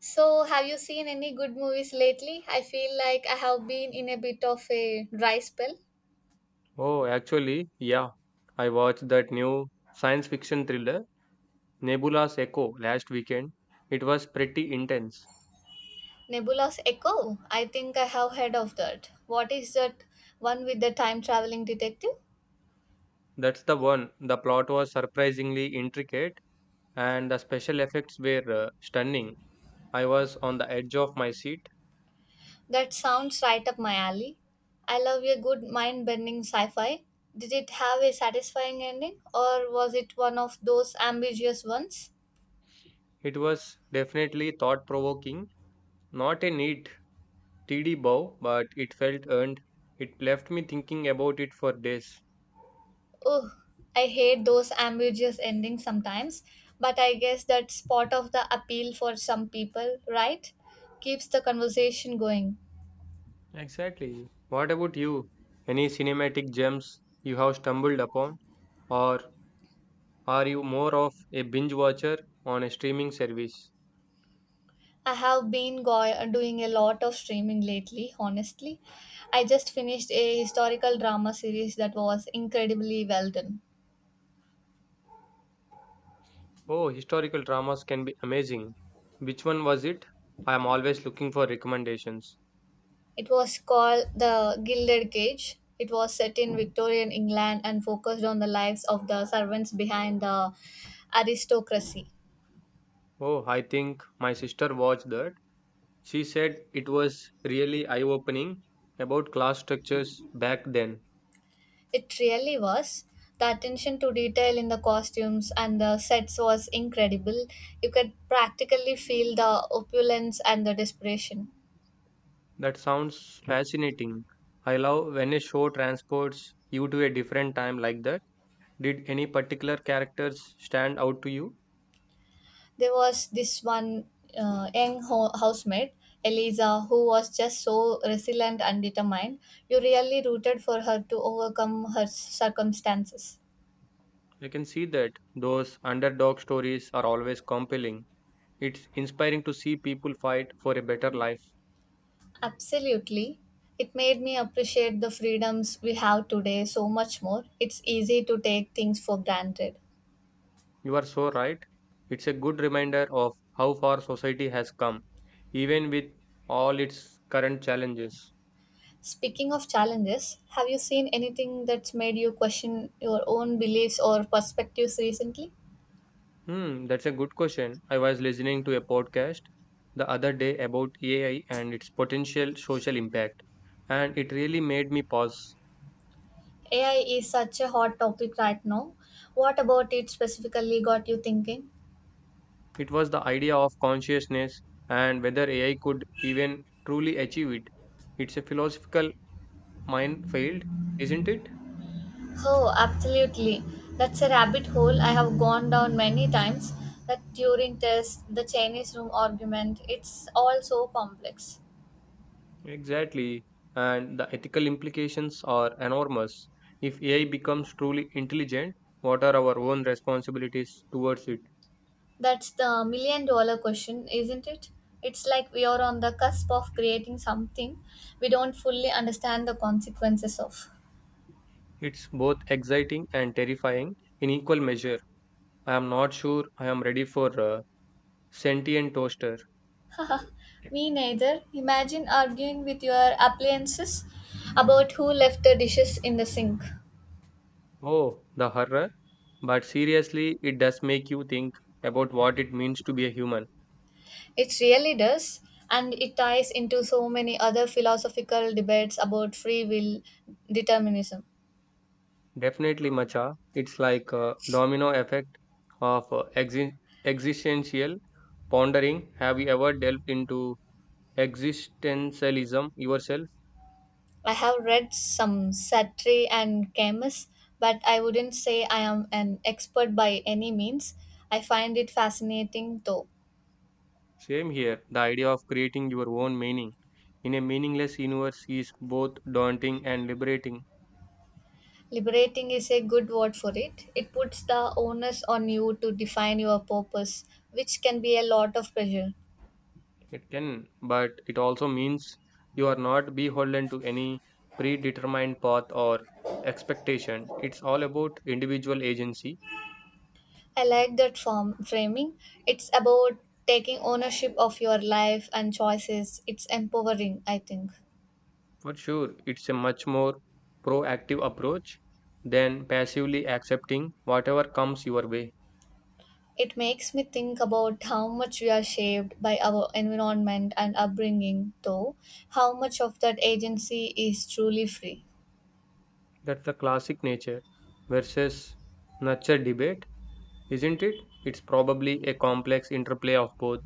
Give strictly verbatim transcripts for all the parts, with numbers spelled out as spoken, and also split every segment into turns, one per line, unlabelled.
So, have you seen any good movies lately? I feel like I have been in a bit of a dry spell.
Oh, actually, yeah. I watched that new science fiction thriller, Nebula's Echo, last weekend. It was pretty intense.
Nebula's Echo. I think I have heard of that. What is that one with the time traveling detective?
That's the one. The plot was surprisingly intricate and the special effects were uh, stunning. I was on the edge of my seat.
That sounds right up my alley. I love a good mind bending sci fi. Did it have a satisfying ending or was it one of those ambiguous ones?
It was definitely thought provoking, not a neat, tidy bow, but it felt earned. It left me thinking about it for days.
Oh, I hate those ambiguous endings sometimes, but I guess that's part of the appeal for some people, right? Keeps the conversation going.
Exactly. What about you? Any cinematic gems you have stumbled upon? Or are you more of a binge watcher on a streaming service?
I have been go- doing a lot of streaming lately, honestly. I just finished a historical drama series that was incredibly well done.
Oh, historical dramas can be amazing. Which one was it? I am always looking for recommendations.
It was called The Gilded Cage. It was set in Victorian England and focused on the lives of the servants behind the aristocracy.
Oh, I think my sister watched that. She said it was really eye opening about class structures back then.
It really was. The attention to detail in the costumes and the sets was incredible. You could practically feel the opulence and the desperation.
That sounds fascinating. I love when a show transports you to a different time like that. Did any particular characters stand out to you?
There was this one uh, young ho- housemaid, Eliza, who was just so resilient and determined. You really rooted for her to overcome her circumstances.
You can see that those underdog stories are always compelling. It's inspiring to see people fight for a better life.
Absolutely. It made me appreciate the freedoms we have today so much more. It's easy to take things for granted.
You are so right. It's a good reminder of how far society has come, even with all its current challenges.
Speaking of challenges, have you seen anything that's made you question your own beliefs or perspectives recently?
Hmm, that's a good question. I was listening to a podcast the other day about A I and its potential social impact, and it really made me pause.
A I is such a hot topic right now. What about it specifically got you thinking?
It was the idea of consciousness and whether A I could even truly achieve it. It's a philosophical minefield, isn't it?
Oh, absolutely. That's a rabbit hole I have gone down many times. That Turing test, the Chinese room argument, it's all so complex.
Exactly. And the ethical implications are enormous. If A I becomes truly intelligent, what are our own responsibilities towards it?
That's the million dollar question, isn't it? It's like we are on the cusp of creating something we don't fully understand the consequences of.
It's both exciting and terrifying in equal measure. I am not sure I am ready for a sentient toaster.
Me neither. Imagine arguing with your appliances about who left the dishes in the sink.
Oh, the horror. But seriously, it does make you think about what it means to be a human.
It really does, and it ties into so many other philosophical debates about free will determinism.
Definitely, Macha. It's like a domino effect of uh, exi- existential pondering. Have you ever delved into existentialism yourself?
I have read some Sartre and Camus, but I wouldn't say I am an expert by any means. I find it fascinating though.
Same here. The idea of creating your own meaning in a meaningless universe is both daunting and liberating.
Liberating is a good word for it. It puts the onus on you to define your purpose, which can be a lot of pressure.
It can, but it also means you are not beholden to any predetermined path or expectation. It's all about individual agency.
I like that form framing. It's about taking ownership of your life and choices. It's empowering, I think.
For sure, it's a much more proactive approach than passively accepting whatever comes your way.
It makes me think about how much we are shaped by our environment and upbringing, though, how much of that agency is truly free.
That's the classic nature versus nurture debate, isn't it? It's probably a complex interplay of both.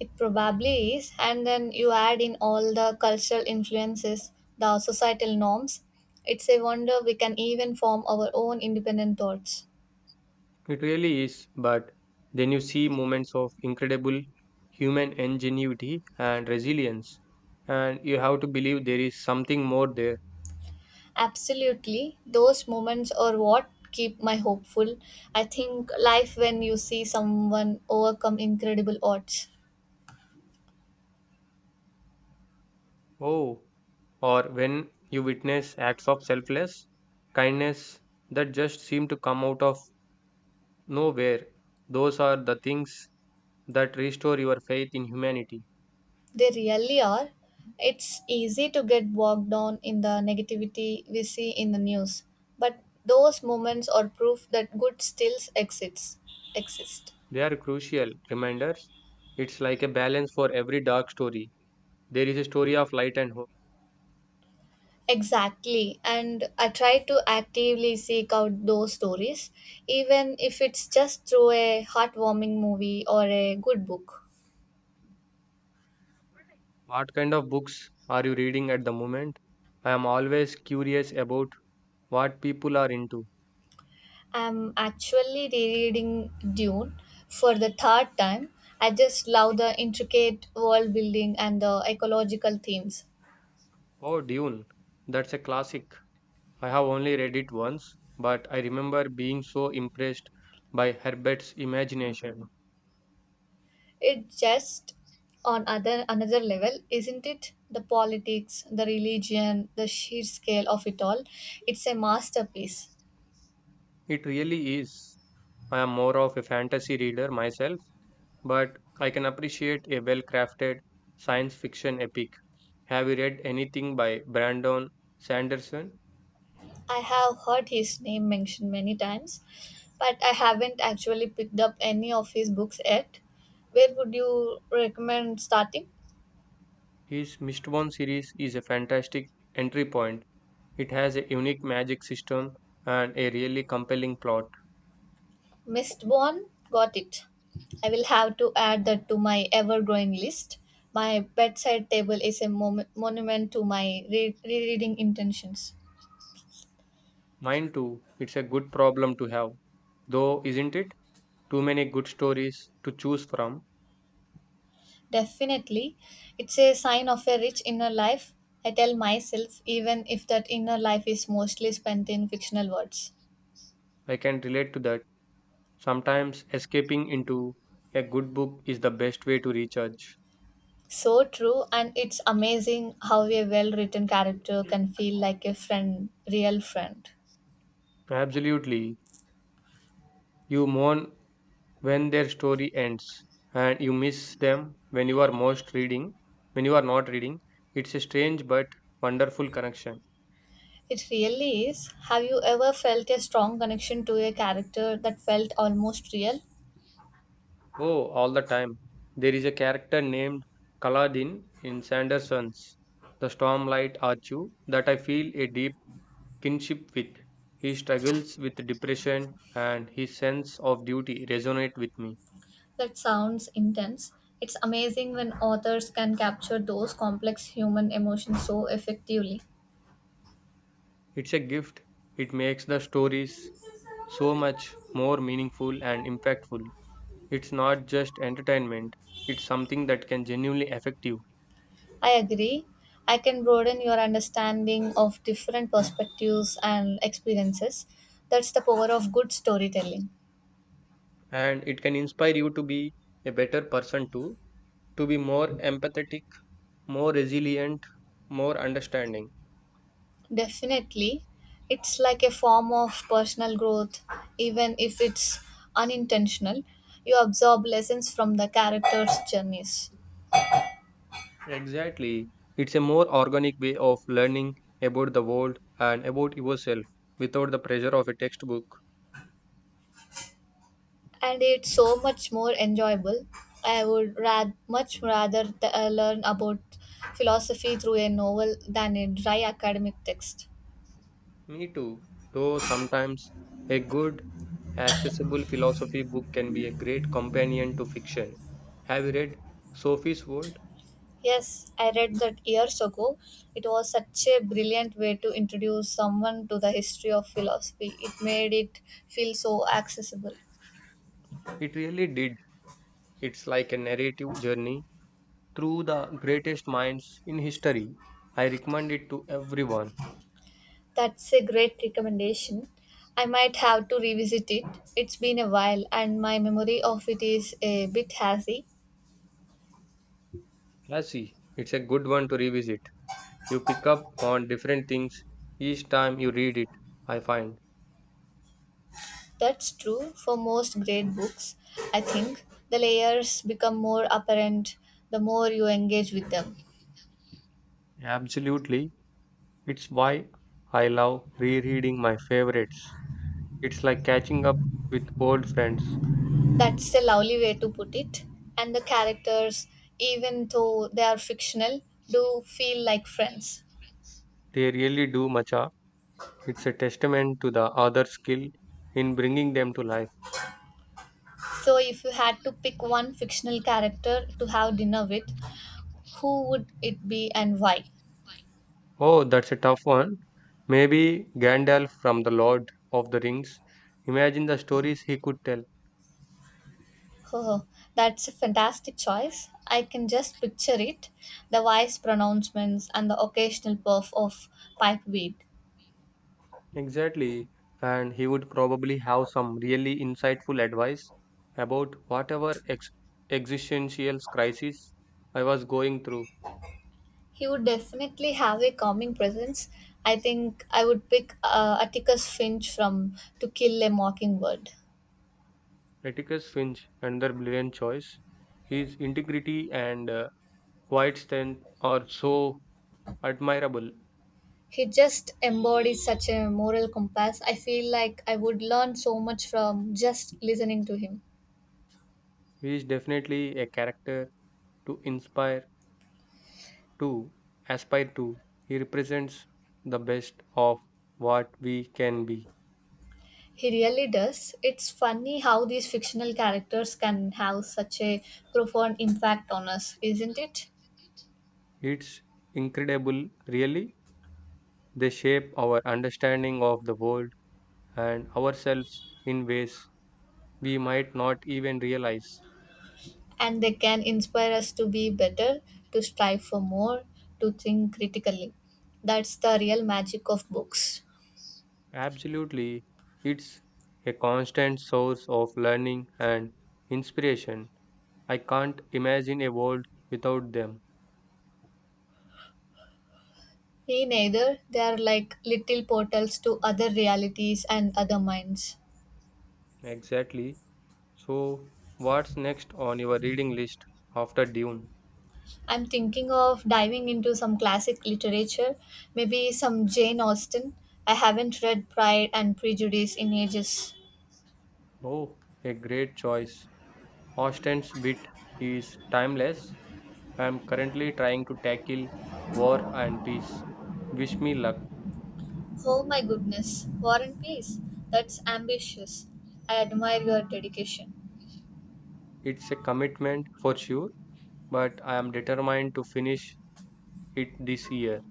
It probably is, and then you add in all the cultural influences, the societal norms. It's a wonder we can even form our own independent thoughts.
It really is, but then you see moments of incredible human ingenuity and resilience, and you have to believe there is something more there.
Absolutely, those moments are what keep my hopeful. I think life when you see someone overcome incredible odds.
Oh, or when you witness acts of selfless kindness that just seem to come out of nowhere, those are the things that restore your faith in humanity.
They really are. It's easy to get bogged down in the negativity we see in the news, but those moments are proof that good still exists. Exist.
They are crucial reminders. It's like a balance for every dark story. There is a story of light and hope.
Exactly, and I try to actively seek out those stories, even if it's just through a heartwarming movie or a good book.
What kind of books are you reading at the moment? I am always curious about what people are into.
I'm actually rereading Dune for the third time. I just love the intricate world building and the ecological themes.
Oh, Dune. That's a classic. I have only read it once, but I remember being so impressed by Herbert's imagination.
It just on other another level, isn't it? The politics, the religion, the sheer scale of it all. It's a masterpiece.
It really is. I am more of a fantasy reader myself, but I can appreciate a well crafted science fiction epic. Have you read anything by Brandon Sanderson?
I have heard his name mentioned many times, but I haven't actually picked up any of his books yet. Where would you recommend starting?
His Mistborn series is a fantastic entry point. It has a unique magic system and a really compelling plot.
Mistborn? Got it. I will have to add that to my ever growing list. My bedside table is a mom- monument to my re- rereading intentions.
Mine too, it's a good problem to have. Though, isn't it? Too many good stories to choose from.
Definitely. It's a sign of a rich inner life, I tell myself, even if that inner life is mostly spent in fictional words.
I can relate to that. Sometimes escaping into a good book is the best way to recharge.
So true, and it's amazing how a well written character
Mm.
can feel like a friend, real friend.
Absolutely. You mourn when their story ends and you miss them when you are most reading, when you are not reading. It's a strange but wonderful connection.
It really is. Have you ever felt a strong connection to a character that felt almost real?
Oh, all the time. There is a character named Kaladin in Sanderson's The Stormlight Archu that I feel a deep kinship with. He struggles with depression and his sense of duty resonate with me.
That sounds intense. It's amazing when authors can capture those complex human emotions so effectively.
It's a gift. It makes the stories so much more meaningful and impactful. It's not just entertainment. It's something that can genuinely affect you,
I agree. I can broaden your understanding of different perspectives and experiences. That's the power of good storytelling.
and it can inspire you to be a better person too, to be more empathetic, more resilient, more understanding.
Definitely, it's like a form of personal growth, even if it's unintentional. You absorb lessons from the characters' journeys,
Exactly. It's a more organic way of learning about the world and about yourself without the pressure of a textbook.
and it's so much more enjoyable. I would rad- much rather th- uh, learn about philosophy through a novel than a dry academic text.
Me too. Though sometimes a good, accessible philosophy book can be a great companion to fiction. Have you read Sophie's World?
Yes, I read that years ago. It was such a brilliant way to introduce someone to the history of philosophy. It made it feel so accessible.
It really did. It's like a narrative journey through the greatest minds in history. I recommend it to everyone.
That's a great recommendation. I might have to revisit it. It's been a while and my memory of it is a bit hazy.
Lassie, it's a good one to revisit. You pick up on different things each time you read it, I find.
That's true for most great books. I think the layers become more apparent the more you engage with them.
Absolutely. It's why I love rereading my favorites. It's like catching up with old friends.
That's a lovely way to put it. And the characters, even though they are fictional, do feel like friends.
They really do, Macha. It's a testament to the author's skill in bringing them to life.
So, if you had to pick one fictional character to have dinner with, who would it be and why?
Oh, that's a tough one. Maybe Gandalf from The Lord of the Rings. Imagine the stories he could tell.
Oh, that's a fantastic choice. I can just picture it the wise pronouncements and the occasional puff of pipe weed.
Exactly. And he would probably have some really insightful advice about whatever ex- existential crisis I was going through.
He would definitely have a calming presence. I think I would pick uh, Atticus Finch from To Kill a Mockingbird.
Atticus Finch, another brilliant choice. His integrity and uh, quiet strength are so admirable.
He just embodies such a moral compass. I feel like I would learn so much from just listening to him.
He is definitely a character to inspire, to aspire to. He represents the best of what we can be.
He really does. It's funny how these fictional characters can have such a profound impact on us, isn't it?
It's incredible, really. They shape our understanding of the world and ourselves in ways we might not even realize.
And they can inspire us to be better, to strive for more, to think critically. That's the real magic of books.
Absolutely, it's a constant source of learning and inspiration. I can't imagine a world without them.
Me neither. They are like little portals to other realities and other minds.
Exactly. So, what's next on your reading list after Dune?
I'm thinking of diving into some classic literature, maybe some Jane Austen. I haven't read Pride and Prejudice in ages.
Oh, a great choice. Austen's wit is timeless. I am currently trying to tackle War and Peace. Wish me luck.
Oh my goodness, War and Peace. That's ambitious. I admire your dedication.
It's a commitment for sure, but I am determined to finish it this year.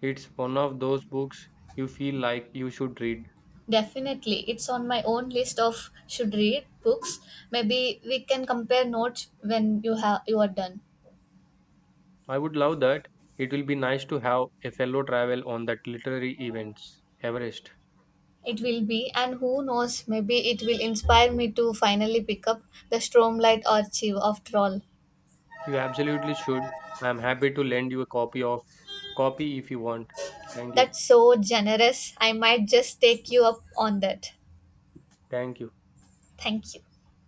It's one of those books you feel like you should read.
Definitely, it's on my own list of should read books. Maybe we can compare notes when you have you are done.
I would love that. It will be nice to have a fellow travel on that literary events. Everest.
It will be, and who knows, maybe it will inspire me to finally pick up the Stormlight Archive after all.
You absolutely should. I am happy to lend you a copy of copy if you want. Thank you.
That's so generous. I might just take you up on that.
Thank you.
Thank you.